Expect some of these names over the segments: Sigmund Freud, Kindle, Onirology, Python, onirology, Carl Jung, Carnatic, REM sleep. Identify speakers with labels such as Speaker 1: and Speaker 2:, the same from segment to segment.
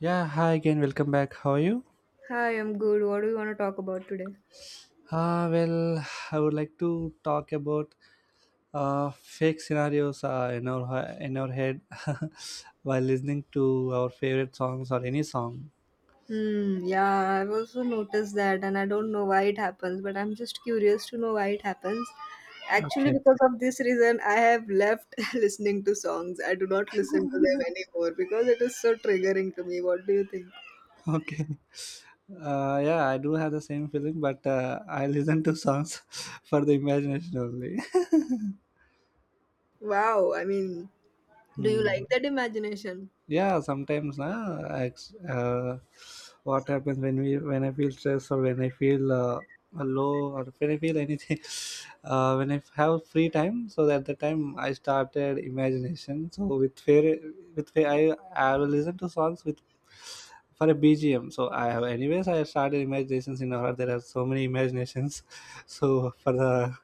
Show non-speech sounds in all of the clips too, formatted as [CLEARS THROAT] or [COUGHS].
Speaker 1: Yeah, hi again. Welcome back. How are you?
Speaker 2: Hi, I'm good. What do you want to talk about today?
Speaker 1: Well, I would like to talk about fake scenarios in our head [LAUGHS] while listening to our favorite songs or any song.
Speaker 2: Hmm, yeah, I've also noticed that, and I don't know why it happens, but I'm just curious to know why it happens. Actually,
Speaker 1: Okay,
Speaker 2: because of this reason, I have left [LAUGHS] listening to songs. I do not listen to them
Speaker 1: [LAUGHS]
Speaker 2: anymore because it is so triggering to me. What do you think?
Speaker 1: okay. Yeah, I do have the same feeling, but I listen to songs [LAUGHS] for the imagination only.
Speaker 2: Wow,
Speaker 1: [LAUGHS]
Speaker 2: do you
Speaker 1: Hmm.
Speaker 2: like that imagination?
Speaker 1: Yeah, sometimes what happens when we when I feel stressed or when I feel low or when I feel anything [LAUGHS] when I have free time, so at the time I started imagination. So with fair, with fair, I will listen to songs with, for a BGM. So I have, anyways, I started imaginations in our, there are so many imaginations. [LAUGHS] So for the,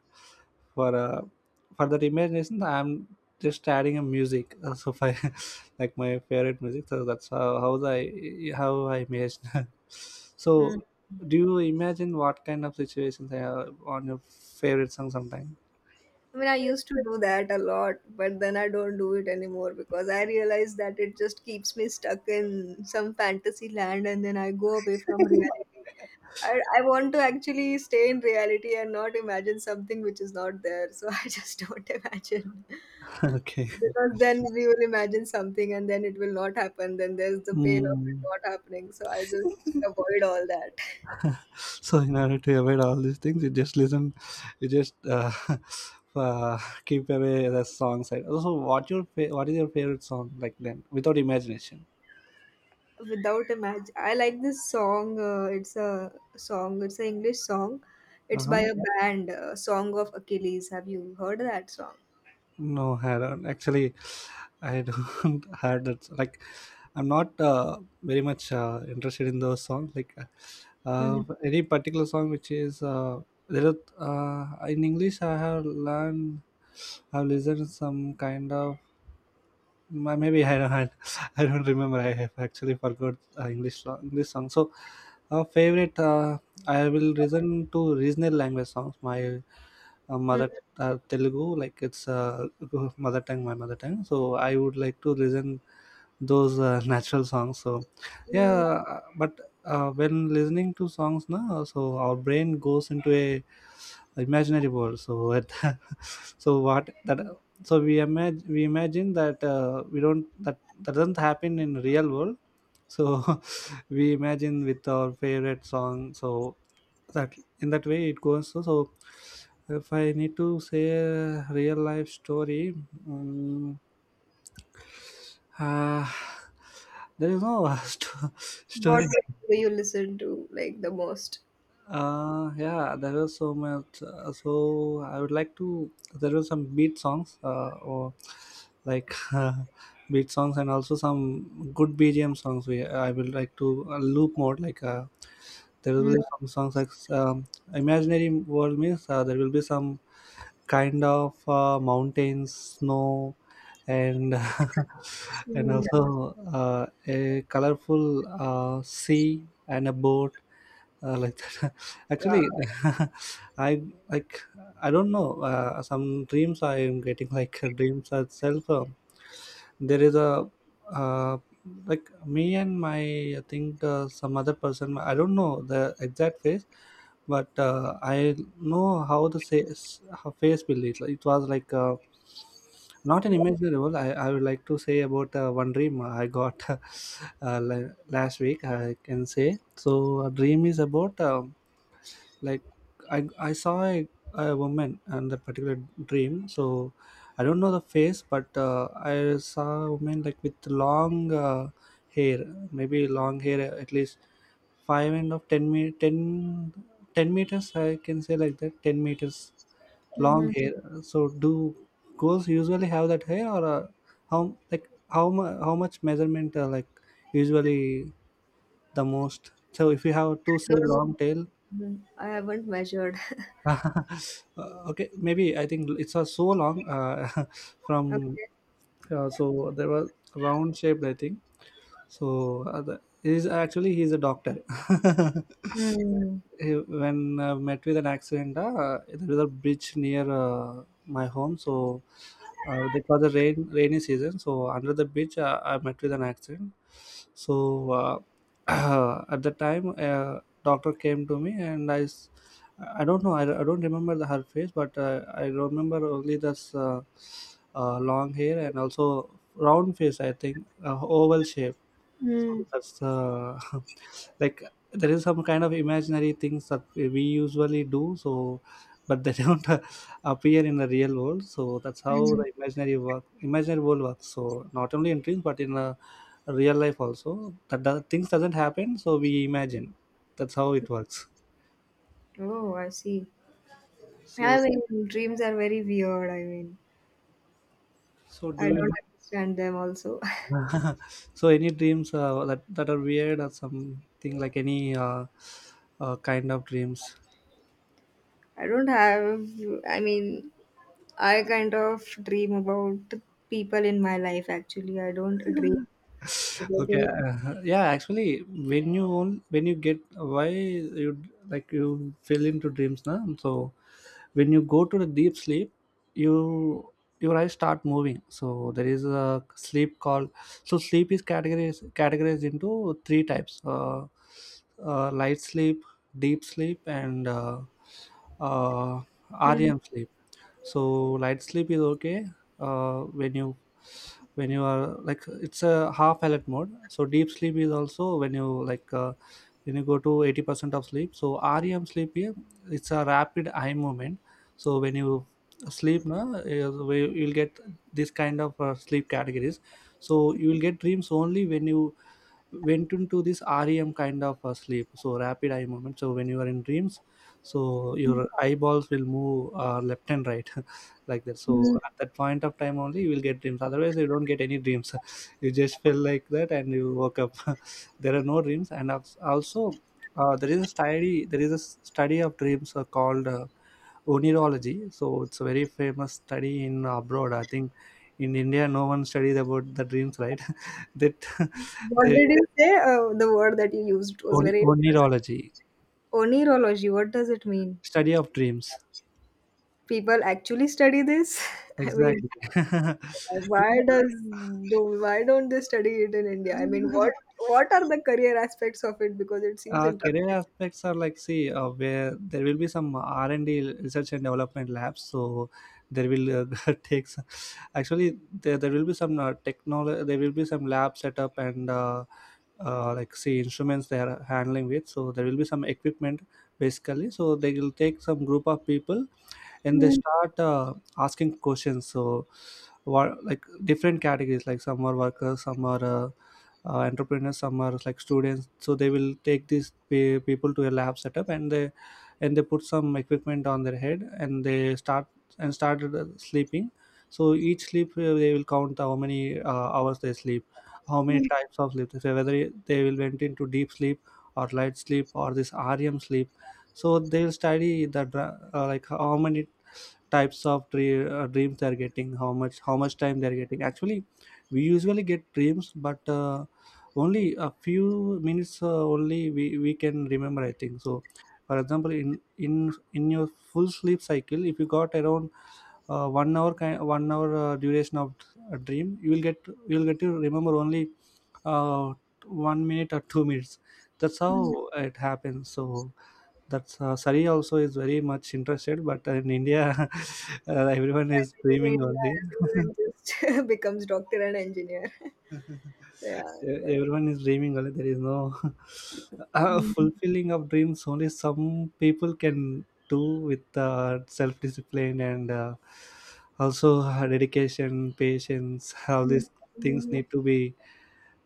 Speaker 1: for uh, for that imagination, I'm just adding a music. [LAUGHS] So if I [LAUGHS] like my favorite music, so that's how I how I imagine. [LAUGHS]
Speaker 2: Hmm.
Speaker 1: So do you imagine what kind of situations are on your favorite song sometime?
Speaker 2: I used to do that a lot, but then I don't do it anymore because I realize that it just keeps me stuck in some fantasy land and then I go away from reality. I want to actually stay in reality and not imagine something which is not there. So [LAUGHS] I just don't imagine.
Speaker 1: [LAUGHS] Okay.
Speaker 2: Because then we will imagine something and then it will not happen. Then there's the pain of it
Speaker 1: Mm.
Speaker 2: not happening. So I just avoid all that.
Speaker 1: So in order to avoid all these things, you just listen, you just [LAUGHS] uh, keep away the song side also. What your what is your favorite song like then, without imagination?
Speaker 2: Without a match, I like this song. It's a song. It's an English song. It's by
Speaker 1: Uh-huh.
Speaker 2: a band. Song of Achilles. Have you heard that song?
Speaker 1: No, I don't. Actually, I don't [LAUGHS] had that. Like, I'm not very much interested in those songs. Like,
Speaker 2: Mhm.
Speaker 1: any particular song which is there are, in English, I have learned, I've listened some kind of maybe I don't had, [LAUGHS] I don't remember. I have actually forgot English song, English song. So, favorite. I will listen to regional language songs. My mother, Telugu, like it's [LAUGHS] mother tongue, my mother tongue. So I would like to listen those [LAUGHS] natural songs. So yeah,
Speaker 2: Hmm.
Speaker 1: but when listening to songs now, so our brain goes into a imaginary world. So it, [LAUGHS] so what that, so we imagine that we don't, that that doesn't happen in real world. So [LAUGHS] we imagine with our favorite song. So that, in that way it goes, so, so if I need to say a real life story, um, uh, there is no [LAUGHS] sto-
Speaker 2: What
Speaker 1: story.
Speaker 2: do you listen to, like, the most?
Speaker 1: Yeah, there was so much. So I would like to, there were some beat songs or like [LAUGHS] beat songs and also some good bgm songs. We I will like to loop mode, like there will
Speaker 2: Mhm.
Speaker 1: be some songs like, um, imaginary world means there will be some kind of mountains, snow, and [LAUGHS] and
Speaker 2: Hmm.
Speaker 1: also a colorful sea and a boat, like that. [LAUGHS]
Speaker 2: Wow.
Speaker 1: Actually, [LAUGHS] I like, I don't know, some dreams I am getting, like [LAUGHS] dreams itself. There is a uh, like me and my, I think some other person, I don't know the exact face, but I know how the face, her face will be like. It was like not an imaginable. I would like to say about one dream I got. [LAUGHS] Last week, I can say. So a dream is about like, i I saw a woman, and that particular dream. So I don't know the face, but I saw a woman like with long hair, maybe long hair at least 5 and of 10, me ten, 10 meters I can say, like that, 10 meters long
Speaker 2: Mhm.
Speaker 1: hair. So do girls usually have that hair, or how, like, how how much measurement, like, usually, the most. So if you have to
Speaker 2: I,
Speaker 1: say
Speaker 2: don't,
Speaker 1: long tail.
Speaker 2: Hmm. I haven't measured. [LAUGHS]
Speaker 1: [LAUGHS] Okay, maybe I think it's so long [LAUGHS] from
Speaker 2: Okay.
Speaker 1: so there was round shaped, I think. So the, he's actually, he's a doctor. [LAUGHS]
Speaker 2: Mm.
Speaker 1: When met with an accident, there was a bridge near my home. So it was a rainy season, so under the bridge I met with an accident. So [CLEARS THROAT] at the time, doctor came to me, and I don't know, I don't remember the, her face, but I remember only this, long hair and also round face, I think, oval shape. So
Speaker 2: Mm.
Speaker 1: that's [LAUGHS] like, there is some kind of imaginary things that we usually do. So, but they [LAUGHS] don't appear in the real world. So that's how
Speaker 2: Mhm.
Speaker 1: the imaginary world works. So not only in dreams, but in the real life also. That the things doesn't happen. So we imagine. That's how it works.
Speaker 2: Hmm. Oh, I see.
Speaker 1: So,
Speaker 2: I mean, dreams are very weird.
Speaker 1: so
Speaker 2: I
Speaker 1: do you
Speaker 2: don't
Speaker 1: have?
Speaker 2: understand them also. [LAUGHS]
Speaker 1: [LAUGHS] So any dreams that, that are weird or something, like any kind of dreams?
Speaker 2: I don't have, I mean, I kind of dream about the people in my life actually. I don't dream about
Speaker 1: Okay,
Speaker 2: this.
Speaker 1: yeah. Actually, when you own, when you get, why you like, you fell into dreams now. So when you go to the deep sleep, you, your eyes start moving. So there is a sleep called. So sleep is categorized into three types: light sleep, deep sleep, and uh,
Speaker 2: Mhm.
Speaker 1: REM sleep. So light sleep is okay, when you, when you are like, it's a half alert mode. So deep sleep is also when you like when you go to 80% of sleep. So REM sleep here, it's a rapid eye movement. So when you sleep na is where you'll get this kind of sleep categories. So you will get dreams only when you went into this REM kind of a sleep, so rapid eye movement. So when you are in dreams, so your eyeballs will move left and right, [LAUGHS] like that. So at that point of time only you will get dreams. Otherwise you don't get any dreams. [LAUGHS] You just feel like that and you woke up. [LAUGHS] There are no dreams, and also there is a study. There is a study of dreams called onirology. So it's a very famous study in abroad. I think in India no one studies about the dreams, right? [LAUGHS] that [LAUGHS]
Speaker 2: What did
Speaker 1: they
Speaker 2: you say? The word that you used was very interesting.
Speaker 1: Onirology,
Speaker 2: Onirology, what does it mean?
Speaker 1: study of dreams.
Speaker 2: People actually study this? [LAUGHS] I mean,
Speaker 1: Exactly. [LAUGHS]
Speaker 2: why
Speaker 1: Yeah.
Speaker 2: does why don't they study it in India? I mean, what are the career aspects of it? Because it seems
Speaker 1: Career
Speaker 2: interesting.
Speaker 1: aspects are like, see where there will be some R&D, research and development labs. So there will [LAUGHS] take some, actually there will be some technology. There will be some lab setup and like, see, instruments they are handling with. So there will be some equipment basically. So they will take some group of people and they
Speaker 2: Mm,
Speaker 1: start asking questions. So what, like different categories, like some are workers, some are entrepreneurs, some are like students. So they will take these people to a lab setup, and they, and they put some equipment on their head, and they start, and started sleeping. So each sleep, they will count how many hours they sleep, how many types of sleep, so whether they will went into deep sleep or light sleep or this REM sleep. So they'll study the like how many types of dreams they're getting, how much time they're getting. Actually we usually get dreams, but only a few minutes only we can remember, I think. So for example, in in your full sleep cycle, if you got around 1 hour kind 1 hour duration of a dream, you will get, you will get to remember only uh, 1 minute or 2 minutes. That's
Speaker 2: mm.
Speaker 1: how it happens. So that's Sari also is very much interested, but in India, [LAUGHS] everyone is
Speaker 2: In India,
Speaker 1: dreaming only. [LAUGHS]
Speaker 2: everyone just [LAUGHS] becomes doctor and engineer. Yeah, but
Speaker 1: Everyone is dreaming only, there is no [LAUGHS]
Speaker 2: Mhm.
Speaker 1: fulfilling of dreams. Only some people can do, with self-discipline and also dedication, patience, all
Speaker 2: Mhm.
Speaker 1: these things
Speaker 2: Mhm.
Speaker 1: need to be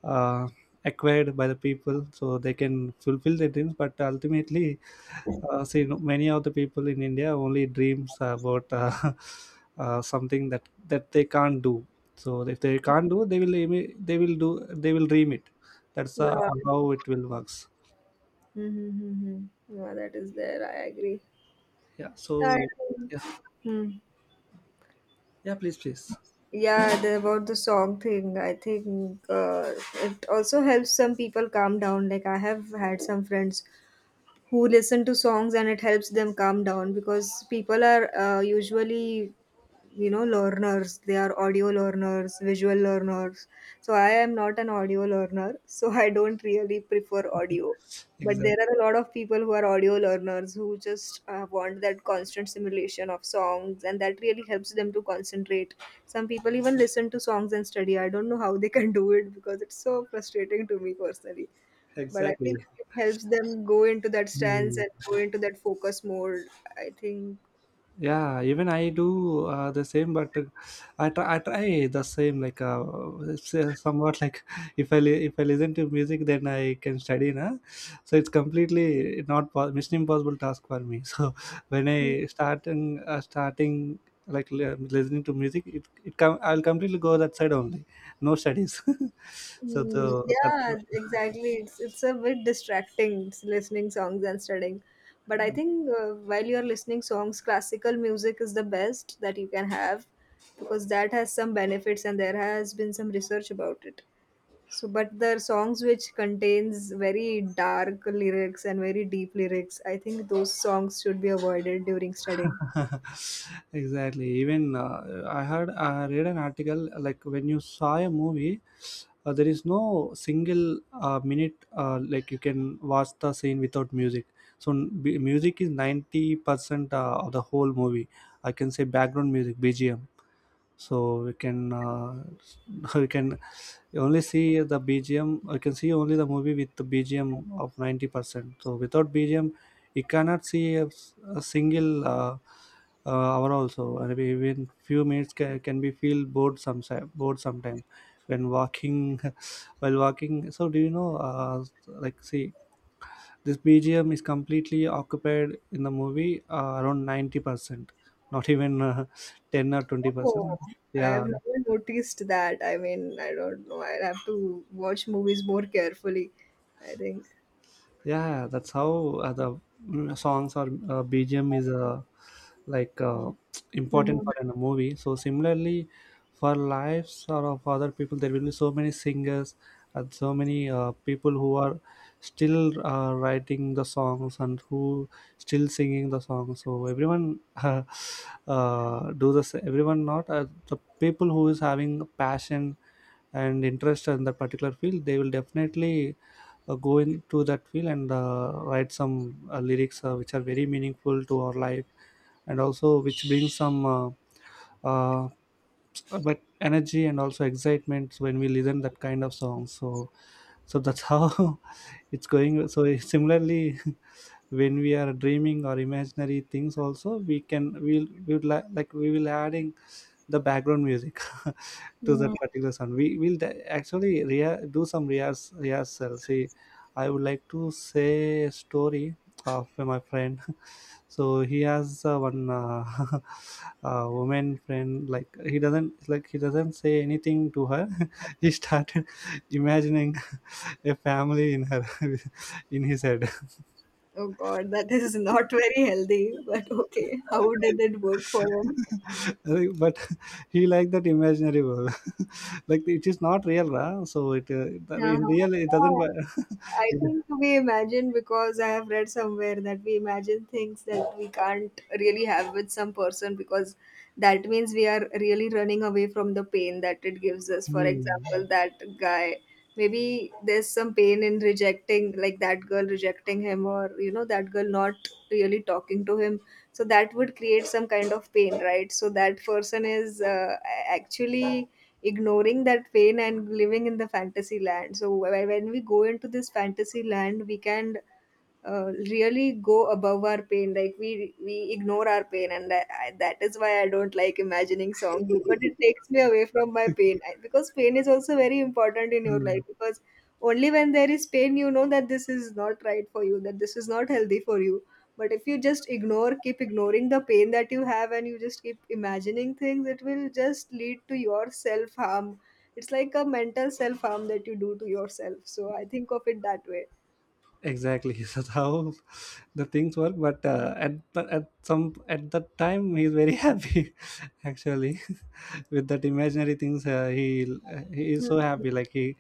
Speaker 1: uh, acquired by the people so they can fulfill their dreams. But ultimately see, many of the people in India only dreams about [LAUGHS] something that, that they can't do. So if they can't do, they will they will do, they will dream it. That's
Speaker 2: Yeah,
Speaker 1: how it will works.
Speaker 2: Mhm. Mhm. Yeah, that is there. I agree.
Speaker 1: Yeah,
Speaker 2: I
Speaker 1: so
Speaker 2: think—
Speaker 1: yeah,
Speaker 2: Hmm.
Speaker 1: yeah, please, please.
Speaker 2: Yeah, the, about the song thing, I think it also helps some people calm down. Like, I have had some friends who listen to songs and it helps them calm down because people are usually, you know, learners. They are audio learners, visual learners. So I am not an audio learner, so [LAUGHS] I don't really prefer audio. But
Speaker 1: Exactly.
Speaker 2: there are a lot of people who are audio learners who just want that constant simulation of songs and that really helps them to concentrate. Some people even listen to songs and study. I don't know how they can do it because it's so frustrating to me personally. But I think
Speaker 1: Exactly.
Speaker 2: it helps them go into that stance
Speaker 1: Hmm.
Speaker 2: and go into that focus mode. I think.
Speaker 1: Yeah, even I do the same, but I try the same, like it's somewhat like [LAUGHS] if if I listen to music, then I can study, na. So it's completely not mission impossible task for me. [LAUGHS] So when I start and starting like listening to music, I'll completely go that side only, no studies. [LAUGHS] so the
Speaker 2: Mhm.
Speaker 1: that
Speaker 2: Yeah, exactly. It's a bit distracting listening songs and studying. But I think while you're listening songs, classical music is the best that you can have because that has some benefits and there has been some research about it. So, but the songs which contains very dark lyrics and very deep lyrics, I think those songs should be avoided during studying.
Speaker 1: [LAUGHS] exactly, even I read an article. Like, when you saw a movie, there is no single minute like you can watch the scene without music. So music is 90% of the whole movie, I can say. Background music, BGM. So we can [LAUGHS] we can only see the BGM. I can see only the movie with the BGM of 90%. So without BGM you cannot see a single hour also. And even few minutes can be feel bored some— bored sometimes when walking. [LAUGHS] While walking. So do you know like, see, this BGM is completely occupied in the movie, around 90%, not even [LAUGHS] 10 or
Speaker 2: Oh,
Speaker 1: 20%.
Speaker 2: I have
Speaker 1: yeah
Speaker 2: never noticed that. I don't know. I have to watch movies more carefully, I think.
Speaker 1: yeah yeah, that's how the songs or BGM is like important
Speaker 2: Mhm.
Speaker 1: for in a movie. So similarly, for lives or of other people, there will be so many singers and so many people who are still writing the songs and who still singing the songs. So everyone [LAUGHS] everyone, not the people who is having passion and interest in that particular field, they will definitely go into that field and write some lyrics which are very meaningful to our life, and also which brings some uh, but energy and also excitement when we listen that kind of song. So, so that's how [LAUGHS] it's going. So similarly, [LAUGHS] when we are dreaming or imaginary things also, we can we would like, we will adding the background music [LAUGHS] to
Speaker 2: Yeah.
Speaker 1: that particular sound. We will actually do some rehearse rehearsal. See, I would like to say a story of my friend. [LAUGHS] So he has one [LAUGHS] woman friend. Like, he doesn't say anything to her. [LAUGHS] He started [LAUGHS] imagining a family in her [LAUGHS] in his head.
Speaker 2: Oh God, that is not very healthy, but okay. How did it work for him?
Speaker 1: Like, but [LAUGHS] he liked that imaginary world. [LAUGHS] Like, it is not real, ra. So it,
Speaker 2: Yeah,
Speaker 1: in real it doesn't
Speaker 2: yeah.
Speaker 1: [LAUGHS]
Speaker 2: I
Speaker 1: it.
Speaker 2: think we imagine because I have read somewhere that we imagine things that we can't really have with some person because that means we are really running away from the pain that it gives us. For
Speaker 1: Hmm.
Speaker 2: example, that guy, maybe there's some pain in rejecting, like, that girl rejecting him, or, you know, that girl not really talking to him, so that would create some kind of pain, right? So that person is actually ignoring that pain and living in the fantasy land. So when we go into this fantasy land, we can uh, really go above our pain. Like, we ignore our pain. And that is why I don't like imagining songs, because it takes me away from my pain. Because pain is also very important in your
Speaker 1: Hmm.
Speaker 2: life, because only when there is pain you know that this is not right for you, that this is not healthy for you. But if you just ignore, keep ignoring the pain that you have, and you just keep imagining things, it will just lead to your self harm. It's like a mental self harm that you do to yourself, so I think of it that way.
Speaker 1: Exactly, [LAUGHS] so that's how the things work. But at the— at some— at that time, he's very [LAUGHS] happy actually [LAUGHS] with that imaginary things. He is so happy, like he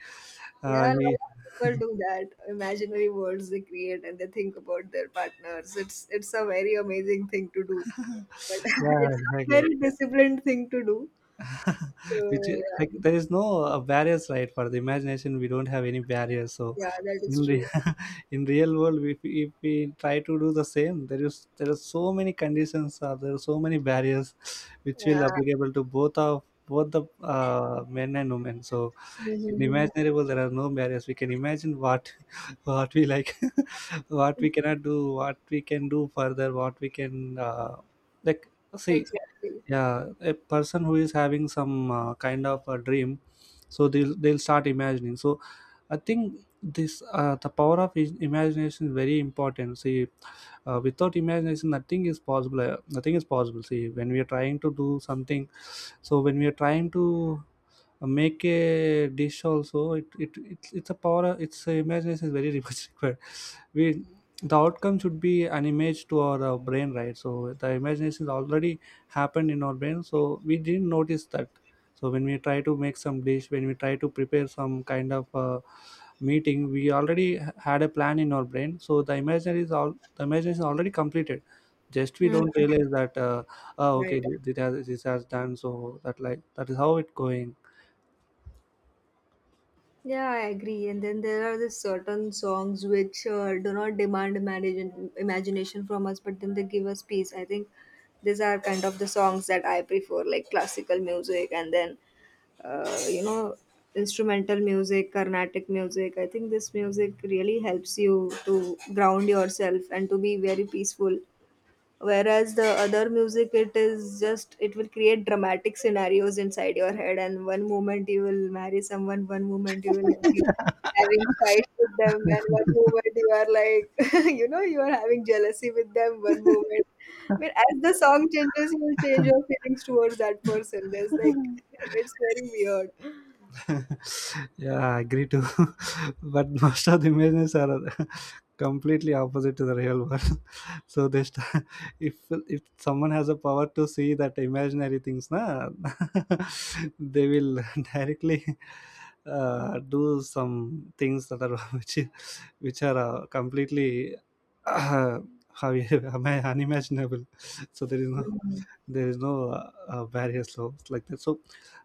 Speaker 2: Yeah, a lot
Speaker 1: he.
Speaker 2: of people do that. Imaginary worlds they create and they think about their partners. It's a very amazing thing to do,
Speaker 1: [LAUGHS]
Speaker 2: but [LAUGHS]
Speaker 1: yeah
Speaker 2: it's a
Speaker 1: exactly
Speaker 2: very disciplined thing to do. So
Speaker 1: [LAUGHS] Which is like,
Speaker 2: yeah,
Speaker 1: there is no barriers, right, for the imagination. We don't have any barriers. So
Speaker 2: yeah, that is
Speaker 1: in
Speaker 2: true.
Speaker 1: re- [LAUGHS] in real world, if we try to do the same, there are so many conditions, or there are so many barriers which
Speaker 2: Yeah,
Speaker 1: will applicable to both the men and women. So
Speaker 2: Mhm,
Speaker 1: in
Speaker 2: mhm, mhm.
Speaker 1: imaginary world, there are no barriers. We can imagine what, [LAUGHS] what we like, [LAUGHS] what we cannot do, what we can do further, what we can uh, like, see,
Speaker 2: Exactly.
Speaker 1: yeah, a person who is having some kind of a dream, so they'll start imagining. So I think this the power of imagination is very important. See, without imagination, nothing is possible. Nothing is possible. See, when we are trying to do something, so when we are trying to make a dish also, it's a power. It's a— imagination is very [LAUGHS] much required. We— the outcome should be an image to our brain, right. So the imagination is already happened in our brain, so we didn't notice that. So when we try to make some dish, when we try to prepare some kind of meeting, we already had a plan in our brain. So the imaginary is— all the imagination is already completed. Just we
Speaker 2: Mhm.
Speaker 1: don't realize that. Oh, okay,
Speaker 2: Right.
Speaker 1: this has— this has done. So that— like, that is how it going.
Speaker 2: Yeah, I agree. And then there are the certain songs which do not demand imagination from us, but then they give us peace. I think these are kind of the songs that I prefer, like classical music and then, you know, instrumental music, Carnatic music. I think this music really helps you to ground yourself and to be very peaceful, whereas the other music, it is just it will create dramatic scenarios inside your head, and one moment you will marry someone, one moment you will be having fights with them, and one moment you are like [LAUGHS] you know, you are having jealousy with them, one moment, I mean, as the song changes, you will change your feelings towards that person. There's like [LAUGHS] it's very weird.
Speaker 1: [LAUGHS] Yeah, I agree too. [LAUGHS] But most of the images are [LAUGHS] completely opposite to the real world. [LAUGHS] So they [LAUGHS] if— if someone has a power to see that imaginary things, na, [LAUGHS] they will [LAUGHS] directly do some things that are [LAUGHS] which— which are completely [COUGHS] uh, how [LAUGHS] am I unimaginable. [LAUGHS] So there is no—
Speaker 2: Hmm.
Speaker 1: there is no barrier. So it's like that. So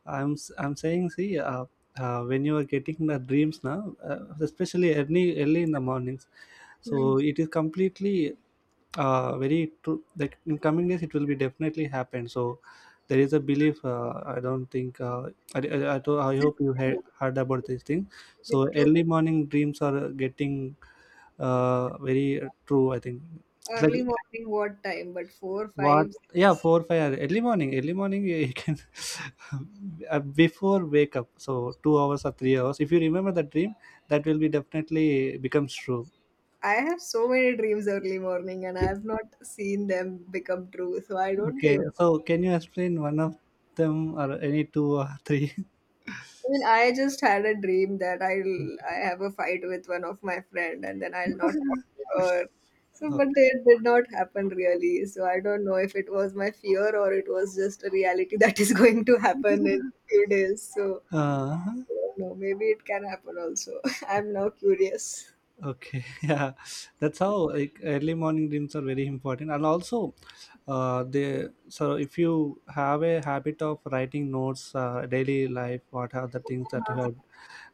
Speaker 1: I'm saying, see, when you are getting the dreams now, especially early in the mornings,
Speaker 2: Hmm.
Speaker 1: so it is completely very true. Like, in coming days, it will be definitely happen. So there is a belief. I don't think. I,
Speaker 2: Is
Speaker 1: I
Speaker 2: it
Speaker 1: hope you
Speaker 2: true?
Speaker 1: heard about this thing.
Speaker 2: Is it
Speaker 1: So
Speaker 2: true?
Speaker 1: early morning dreams are getting very true. I think it's like,
Speaker 2: Early morning, what time? But four,
Speaker 1: what?
Speaker 2: five.
Speaker 1: Yeah, 4-5 hour— early morning. Early morning, you can [LAUGHS] before wake up. So 2 hours or 3 hours, if you remember the dream, that will be definitely becomes true.
Speaker 2: I have so many dreams early morning and I have not seen them become true. So I don't
Speaker 1: Okay.
Speaker 2: think.
Speaker 1: So can you explain one of them, or any two or three?
Speaker 2: I just had a dream that I have a fight with one of my friend and then I'll not talk to her. So,
Speaker 1: [LAUGHS]
Speaker 2: but
Speaker 1: okay.
Speaker 2: it did not happen really. So I don't know if it was my fear or it was just a reality [LAUGHS] that is going to happen in few days. So
Speaker 1: Uh,
Speaker 2: I don't know. Maybe it can happen also. [LAUGHS] I'm now curious.
Speaker 1: okay. [LAUGHS] Yeah, that's how, like, early morning dreams are very important. And also, they so if you have a habit of writing notes, daily life, what are the things that you have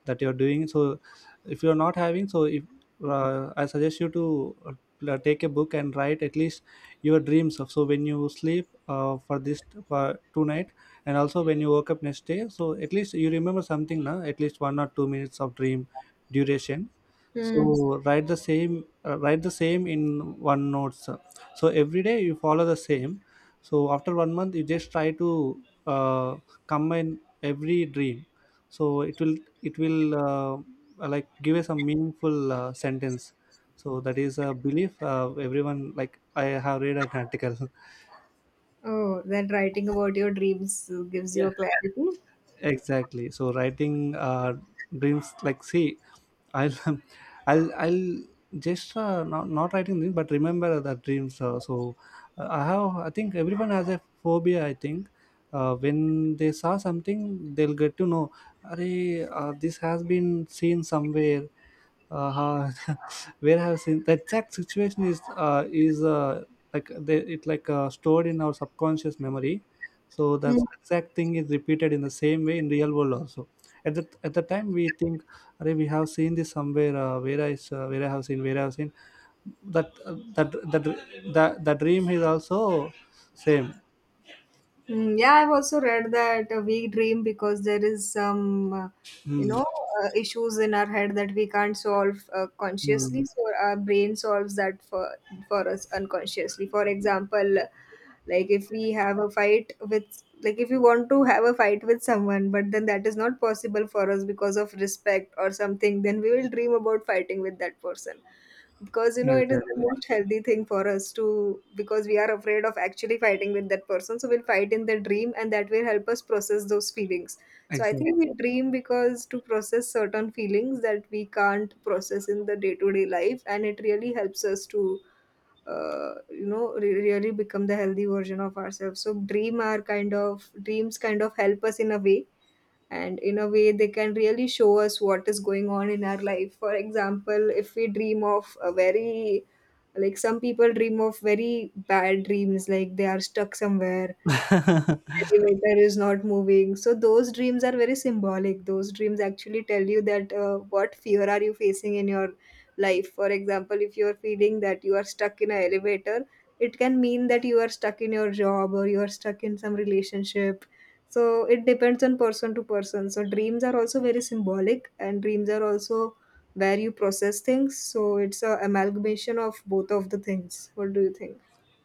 Speaker 1: that you're doing. So if you're not having so if I suggest you to take a book and write at least your dreams of. So when you sleep, for this, for tonight, and also when you woke up next day, so at least you remember something now, at least 1 or 2 minutes of dream duration.
Speaker 2: Hmm.
Speaker 1: So write the same, write the same in one notes. So every day you follow the same. So after one month, you just try to uh, combine every dream. So it will— it will like, give us a meaningful sentence. So that is a belief, everyone. Like, I have read an article. [LAUGHS]
Speaker 2: Oh, then writing about your dreams gives you a
Speaker 1: Yeah,
Speaker 2: clarity.
Speaker 1: exactly, so writing dreams. Like, see, I'll [LAUGHS] I'll just not— not writing dreams, but remember the dreams. So I have— I think everyone has a phobia, I think. When they saw something, they'll get to know, Array, this has been seen somewhere. uh, [LAUGHS] where have seen, the exact situation is— like, they, it, like, stored in our subconscious memory. So the exact thing is repeated in the same way in real world also. At the— at the time we think, "Arey, we have seen this somewhere. Where I where I have seen, where I have seen." That, that— that the dream is also same.
Speaker 2: Mm, yeah, I've also read that we dream because there is some, you
Speaker 1: Hmm.
Speaker 2: know, issues in our head that we can't solve
Speaker 1: Hmm.
Speaker 2: consciously. So our brain solves that for us unconsciously. For example, like if we have a fight with, like if you want to have a fight with someone, but then that is not possible for us because of respect or something, then we will dream about fighting with that person, because you know it is the
Speaker 1: Exactly.
Speaker 2: most healthy thing for us to, because we are afraid of actually fighting with that person, so we'll fight in the dream and that will help us process those feelings. So I think
Speaker 1: Exactly.
Speaker 2: we dream because to process certain feelings that we can't process in the day to day life, and it really helps us to you know, really become the healthy version of ourselves. So dream are kind of, dreams kind of help us in a way, and in a way they can really show us what is going on in our life. For example, if we dream of a very, like, some people dream of very bad dreams, like they are stuck somewhere, elevator is not moving. So those dreams are very symbolic. Those dreams actually tell you that what fear are you facing in your life. For example, if you are feeling that you are stuck in an elevator, it can mean that you are stuck in your job or you are stuck in some relationship. So it depends on person to person. So dreams are also very symbolic, and dreams are also where you process things. So it's a amalgamation of both of the things. What do you think?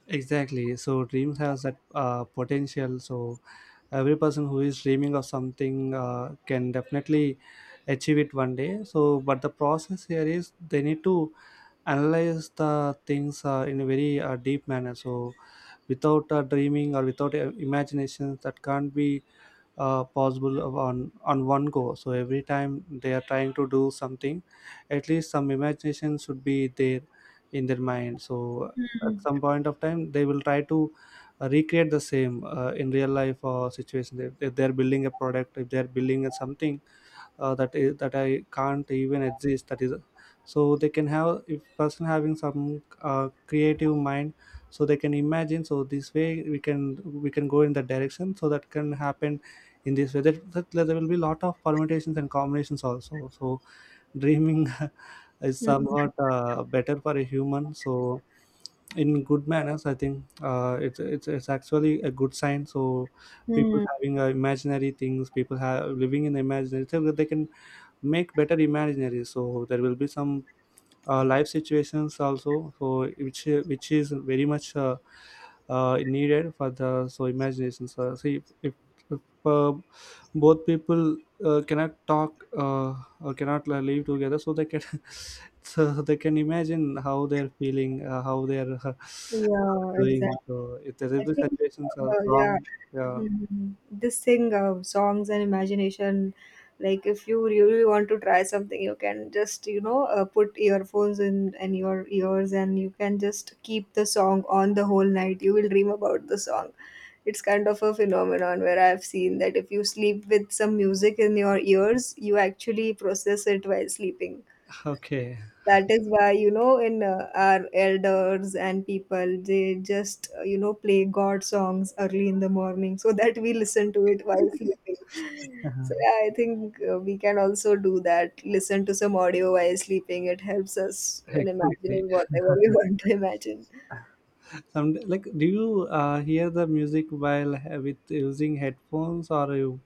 Speaker 1: Exactly. So dreams has that potential. So every person who is dreaming of something can definitely achieve it one day. So, but the process here is they need to analyze the things in a very deep manner. So, without dreaming, or without imagination, that can't be possible on— on one go. So every time they are trying to do something, at least some imagination should be there in their mind. So at some point of time, they will try to recreate the same in real life or situation. If— if they're building a product, if they're building a something, that is— that I can't even exist. That is, so they can have— if person having some creative mind, so they can imagine. So this way we can— we can go in that direction. So that can happen in this way. That— that there will be lot of permutations and combinations also. So dreaming [LAUGHS] is somewhat better for a human. So in good manners, I think it's actually a good sign. So people
Speaker 2: Hmm.
Speaker 1: having imaginary things, people have living in imaginary, so that they can make better imaginary. So there will be some life situations also. So which— which is very much needed for the— so imagination. So see, if— if uh, both people cannot talk, or cannot live together, so they can [LAUGHS] so they can imagine how they're feeling, how they're [LAUGHS]
Speaker 2: Yeah,
Speaker 1: doing.
Speaker 2: exactly.
Speaker 1: So if there
Speaker 2: I
Speaker 1: will be
Speaker 2: think,
Speaker 1: situations are
Speaker 2: yeah,
Speaker 1: wrong, yeah,
Speaker 2: Mhm. This thing of songs and imagination, like if you really want to try something, you can just, you know, put earphones in your ears, and you can just keep the song on the whole night. You will dream about the song. It's kind of a phenomenon where I've seen that if you sleep with some music in your ears, you actually process it while sleeping.
Speaker 1: okay,
Speaker 2: That is why, you know, in our elders and people, they just you know, play god songs early in the morning so that we listen to it while sleeping. So yeah, I think we can also do that, listen to some audio while sleeping. It helps us
Speaker 1: [LAUGHS]
Speaker 2: in
Speaker 1: exactly.
Speaker 2: imagining whatever we [LAUGHS] want to imagine.
Speaker 1: Some, like, do you hear the music while with using headphones, or you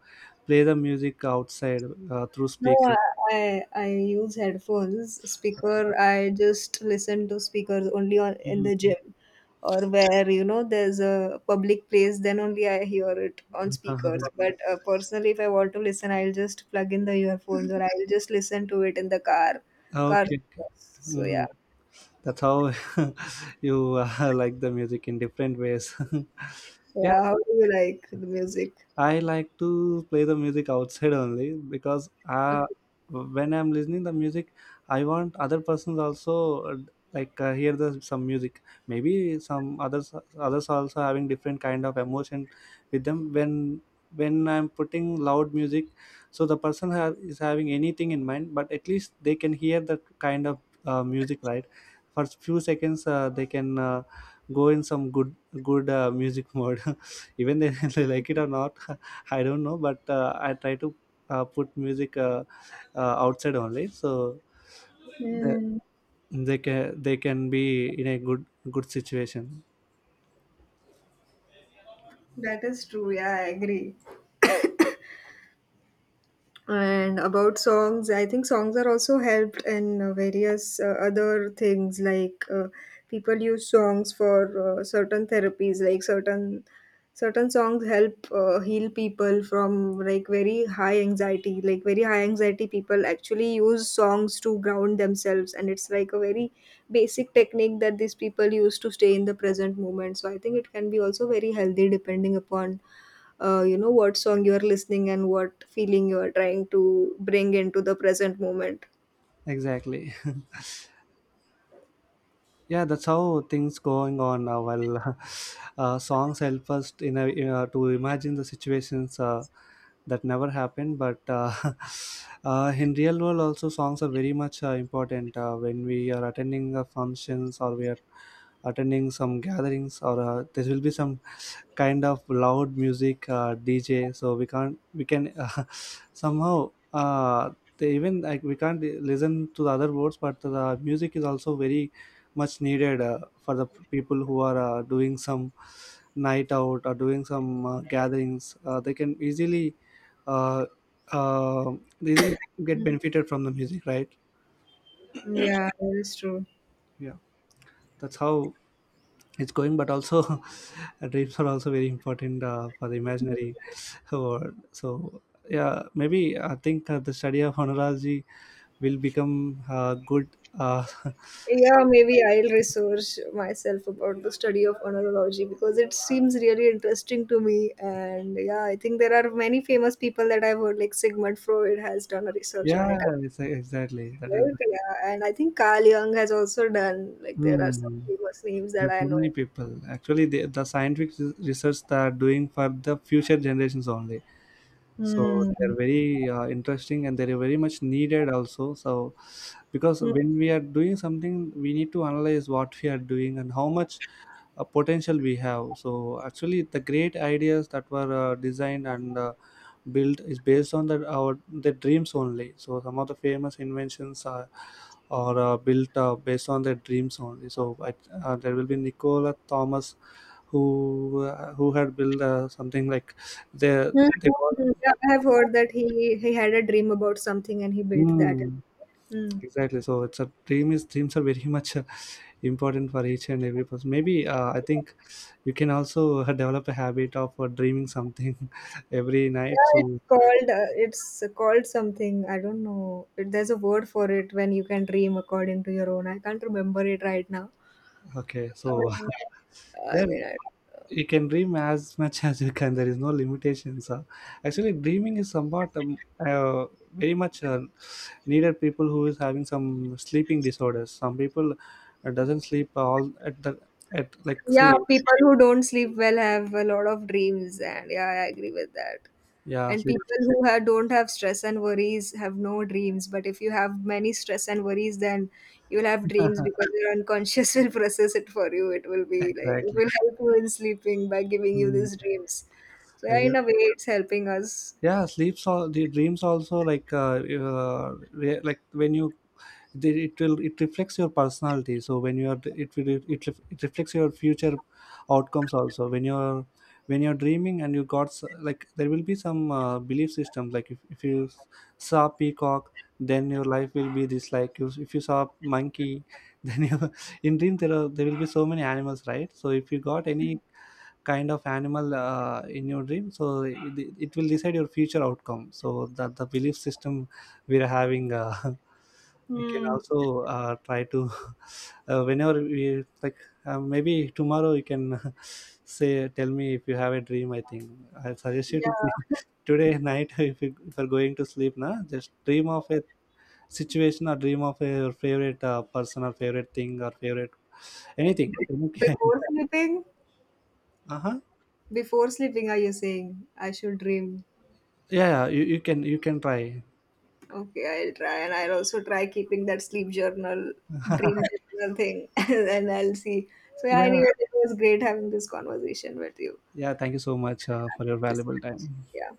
Speaker 1: play the music outside through
Speaker 2: No, I
Speaker 1: speaker?
Speaker 2: I I use headphones.
Speaker 1: Okay.
Speaker 2: Speaker, I just listen to speakers only on in
Speaker 1: Mhm.
Speaker 2: the gym or where, you know, there's a public place, then only I hear it on
Speaker 1: [LAUGHS]
Speaker 2: speakers.
Speaker 1: Okay.
Speaker 2: But personally, if I want to listen, I'll just plug in the earphones or I'll just listen to it in the car. Car.
Speaker 1: Okay.
Speaker 2: So yeah.
Speaker 1: Mhm. That's how [LAUGHS] you [LAUGHS] like the music in different ways. [LAUGHS]
Speaker 2: Yeah,
Speaker 1: Yes,
Speaker 2: how do you like the music?
Speaker 1: I like to play the music outside only, because when I'm listening the music, I want other persons also like hear the some music. Maybe some others also having different kind of emotion with them, when I'm putting loud music. So the person have— is having anything in mind, but at least they can hear that kind of music, right? For few seconds, they can go in some good music mode. [LAUGHS] Even they, [LAUGHS] they like it or not. [LAUGHS] I don't know, but I try to put music, outside only, so they,
Speaker 2: Hmm,
Speaker 1: they can be in a good good situation.
Speaker 2: that is true. Yeah, I agree. And about songs, I think songs are also helped in various other things, like people use songs for certain therapies, like certain songs help heal people from like very high anxiety. Like very high anxiety people actually use songs to ground themselves, and it's like a very basic technique that these people use to stay in the present moment. So I think it can be also very healthy depending upon you know, what song you are listening and what feeling you are trying to bring into the present moment.
Speaker 1: Exactly. [LAUGHS] Yeah, that's how things going on, well. [LAUGHS] Songs help us to imagine the situations, that never happened, but [LAUGHS] in real world also songs are very much important, when we are attending functions, or we are attending some gatherings, or there will be some kind of loud music, dj, so we can't we can [LAUGHS] somehow, they even like we can't listen to the other words, but the music is also very much needed, for the people who are doing some night out, or doing some gatherings. They can easily, uh, uh, they really get
Speaker 2: Mm.
Speaker 1: benefited from the music, right?
Speaker 2: Yeah, that is true.
Speaker 1: Yeah, that's how it's going. But also [LAUGHS] dreams are also very important, for the imaginary [LAUGHS] world. So yeah, maybe I think the study of honorology will become good, uh, [LAUGHS]
Speaker 2: Yeah,
Speaker 1: uh,
Speaker 2: maybe I'll research myself about the study of onerology, because it seems really interesting to me. And yeah, I think there are many famous people that I've heard, like Sigmund Freud has done a research on
Speaker 1: yeah.
Speaker 2: it,
Speaker 1: Exactly, that is
Speaker 2: right?
Speaker 1: right.
Speaker 2: Yeah, and I think Carl Jung has also done, like there are some
Speaker 1: Hmm.
Speaker 2: famous names that
Speaker 1: There's
Speaker 2: I
Speaker 1: so
Speaker 2: know.
Speaker 1: many people. Actually the research they are doing for the future generations only, so
Speaker 2: Hmm.
Speaker 1: they're very interesting, and they're very much needed also. So because when we are doing something, we need to analyze what we are doing and how much potential we have. So actually the great ideas that were designed and built is based on the our the dreams only. So some of the famous inventions are built, based on their dreams only. So I, there will be Nicola Thomas, who had built something like they
Speaker 2: Mhm,
Speaker 1: they
Speaker 2: mhm. Yeah, I have heard that he had a dream about something and he built that.
Speaker 1: Mm,
Speaker 2: Mm.
Speaker 1: exactly. So it's a dreams are very [LAUGHS] much important for each and every person. Maybe I think you can also develop a habit of dreaming something [LAUGHS] every night.
Speaker 2: Yeah,
Speaker 1: So
Speaker 2: it's called something, I don't know. There's a word for it when you can dream according to your own. I can't remember it right now.
Speaker 1: okay,
Speaker 2: Uh,
Speaker 1: so [LAUGHS]
Speaker 2: I
Speaker 1: yeah,
Speaker 2: mean, I-
Speaker 1: you can dream as much as you can. There is no limitations. Actually, dreaming is somewhat very much needed. People who is having some sleeping disorders. Some people doesn't sleep all at the at, like,
Speaker 2: Yeah,
Speaker 1: say
Speaker 2: people who don't sleep well have a lot of dreams, and yeah, I agree with that.
Speaker 1: yeah
Speaker 2: And
Speaker 1: sleep. [LAUGHS]
Speaker 2: people who have, don't have stress and worries have no dreams. But if you have many stress and worries, then you'll have dreams because your unconscious [LAUGHS] will process it for you. It will be like it will
Speaker 1: Exactly.
Speaker 2: help you in sleeping by giving you
Speaker 1: Mm,
Speaker 2: these dreams. So yeah,
Speaker 1: like
Speaker 2: in
Speaker 1: that.
Speaker 2: a way, it's helping us.
Speaker 1: Yeah, sleeps all the dreams also, like uh like when you it will it reflects your personality. So when you are it reflects your future outcomes also when you're dreaming, and you got like there will be some belief system, like if you saw peacock, then your life will be this. Like you, if you saw monkey [LAUGHS] then you in dream there will be so many animals, right? So if you got any kind of animal in your dream, so it will decide your future outcome. So that the belief system we are having, [LAUGHS] you can
Speaker 2: Hmm.
Speaker 1: also try to [LAUGHS] whenever we like maybe tomorrow you can [LAUGHS] say tell me if you have a dream. I think I suggest you to [LAUGHS]
Speaker 2: Yeah.
Speaker 1: today night [LAUGHS] if you if you're going to sleep now, just dream of a situation, or dream of a, your favorite person, or favorite thing, or favorite anything. Okay. [LAUGHS]
Speaker 2: Before sleeping,
Speaker 1: Uh-huh.
Speaker 2: Before sleeping, are you saying I should dream?
Speaker 1: Yeah, yeah, you, you can try.
Speaker 2: Okay, I'll try, and I'll also try keeping that sleep journal, dream journal thing, [LAUGHS] and then I'll see. So yeah,
Speaker 1: Yeah,
Speaker 2: anyway, it was great having this conversation with you.
Speaker 1: yeah. Thank you so much for
Speaker 2: Thank
Speaker 1: your
Speaker 2: you so
Speaker 1: valuable
Speaker 2: much.
Speaker 1: time.
Speaker 2: Yeah.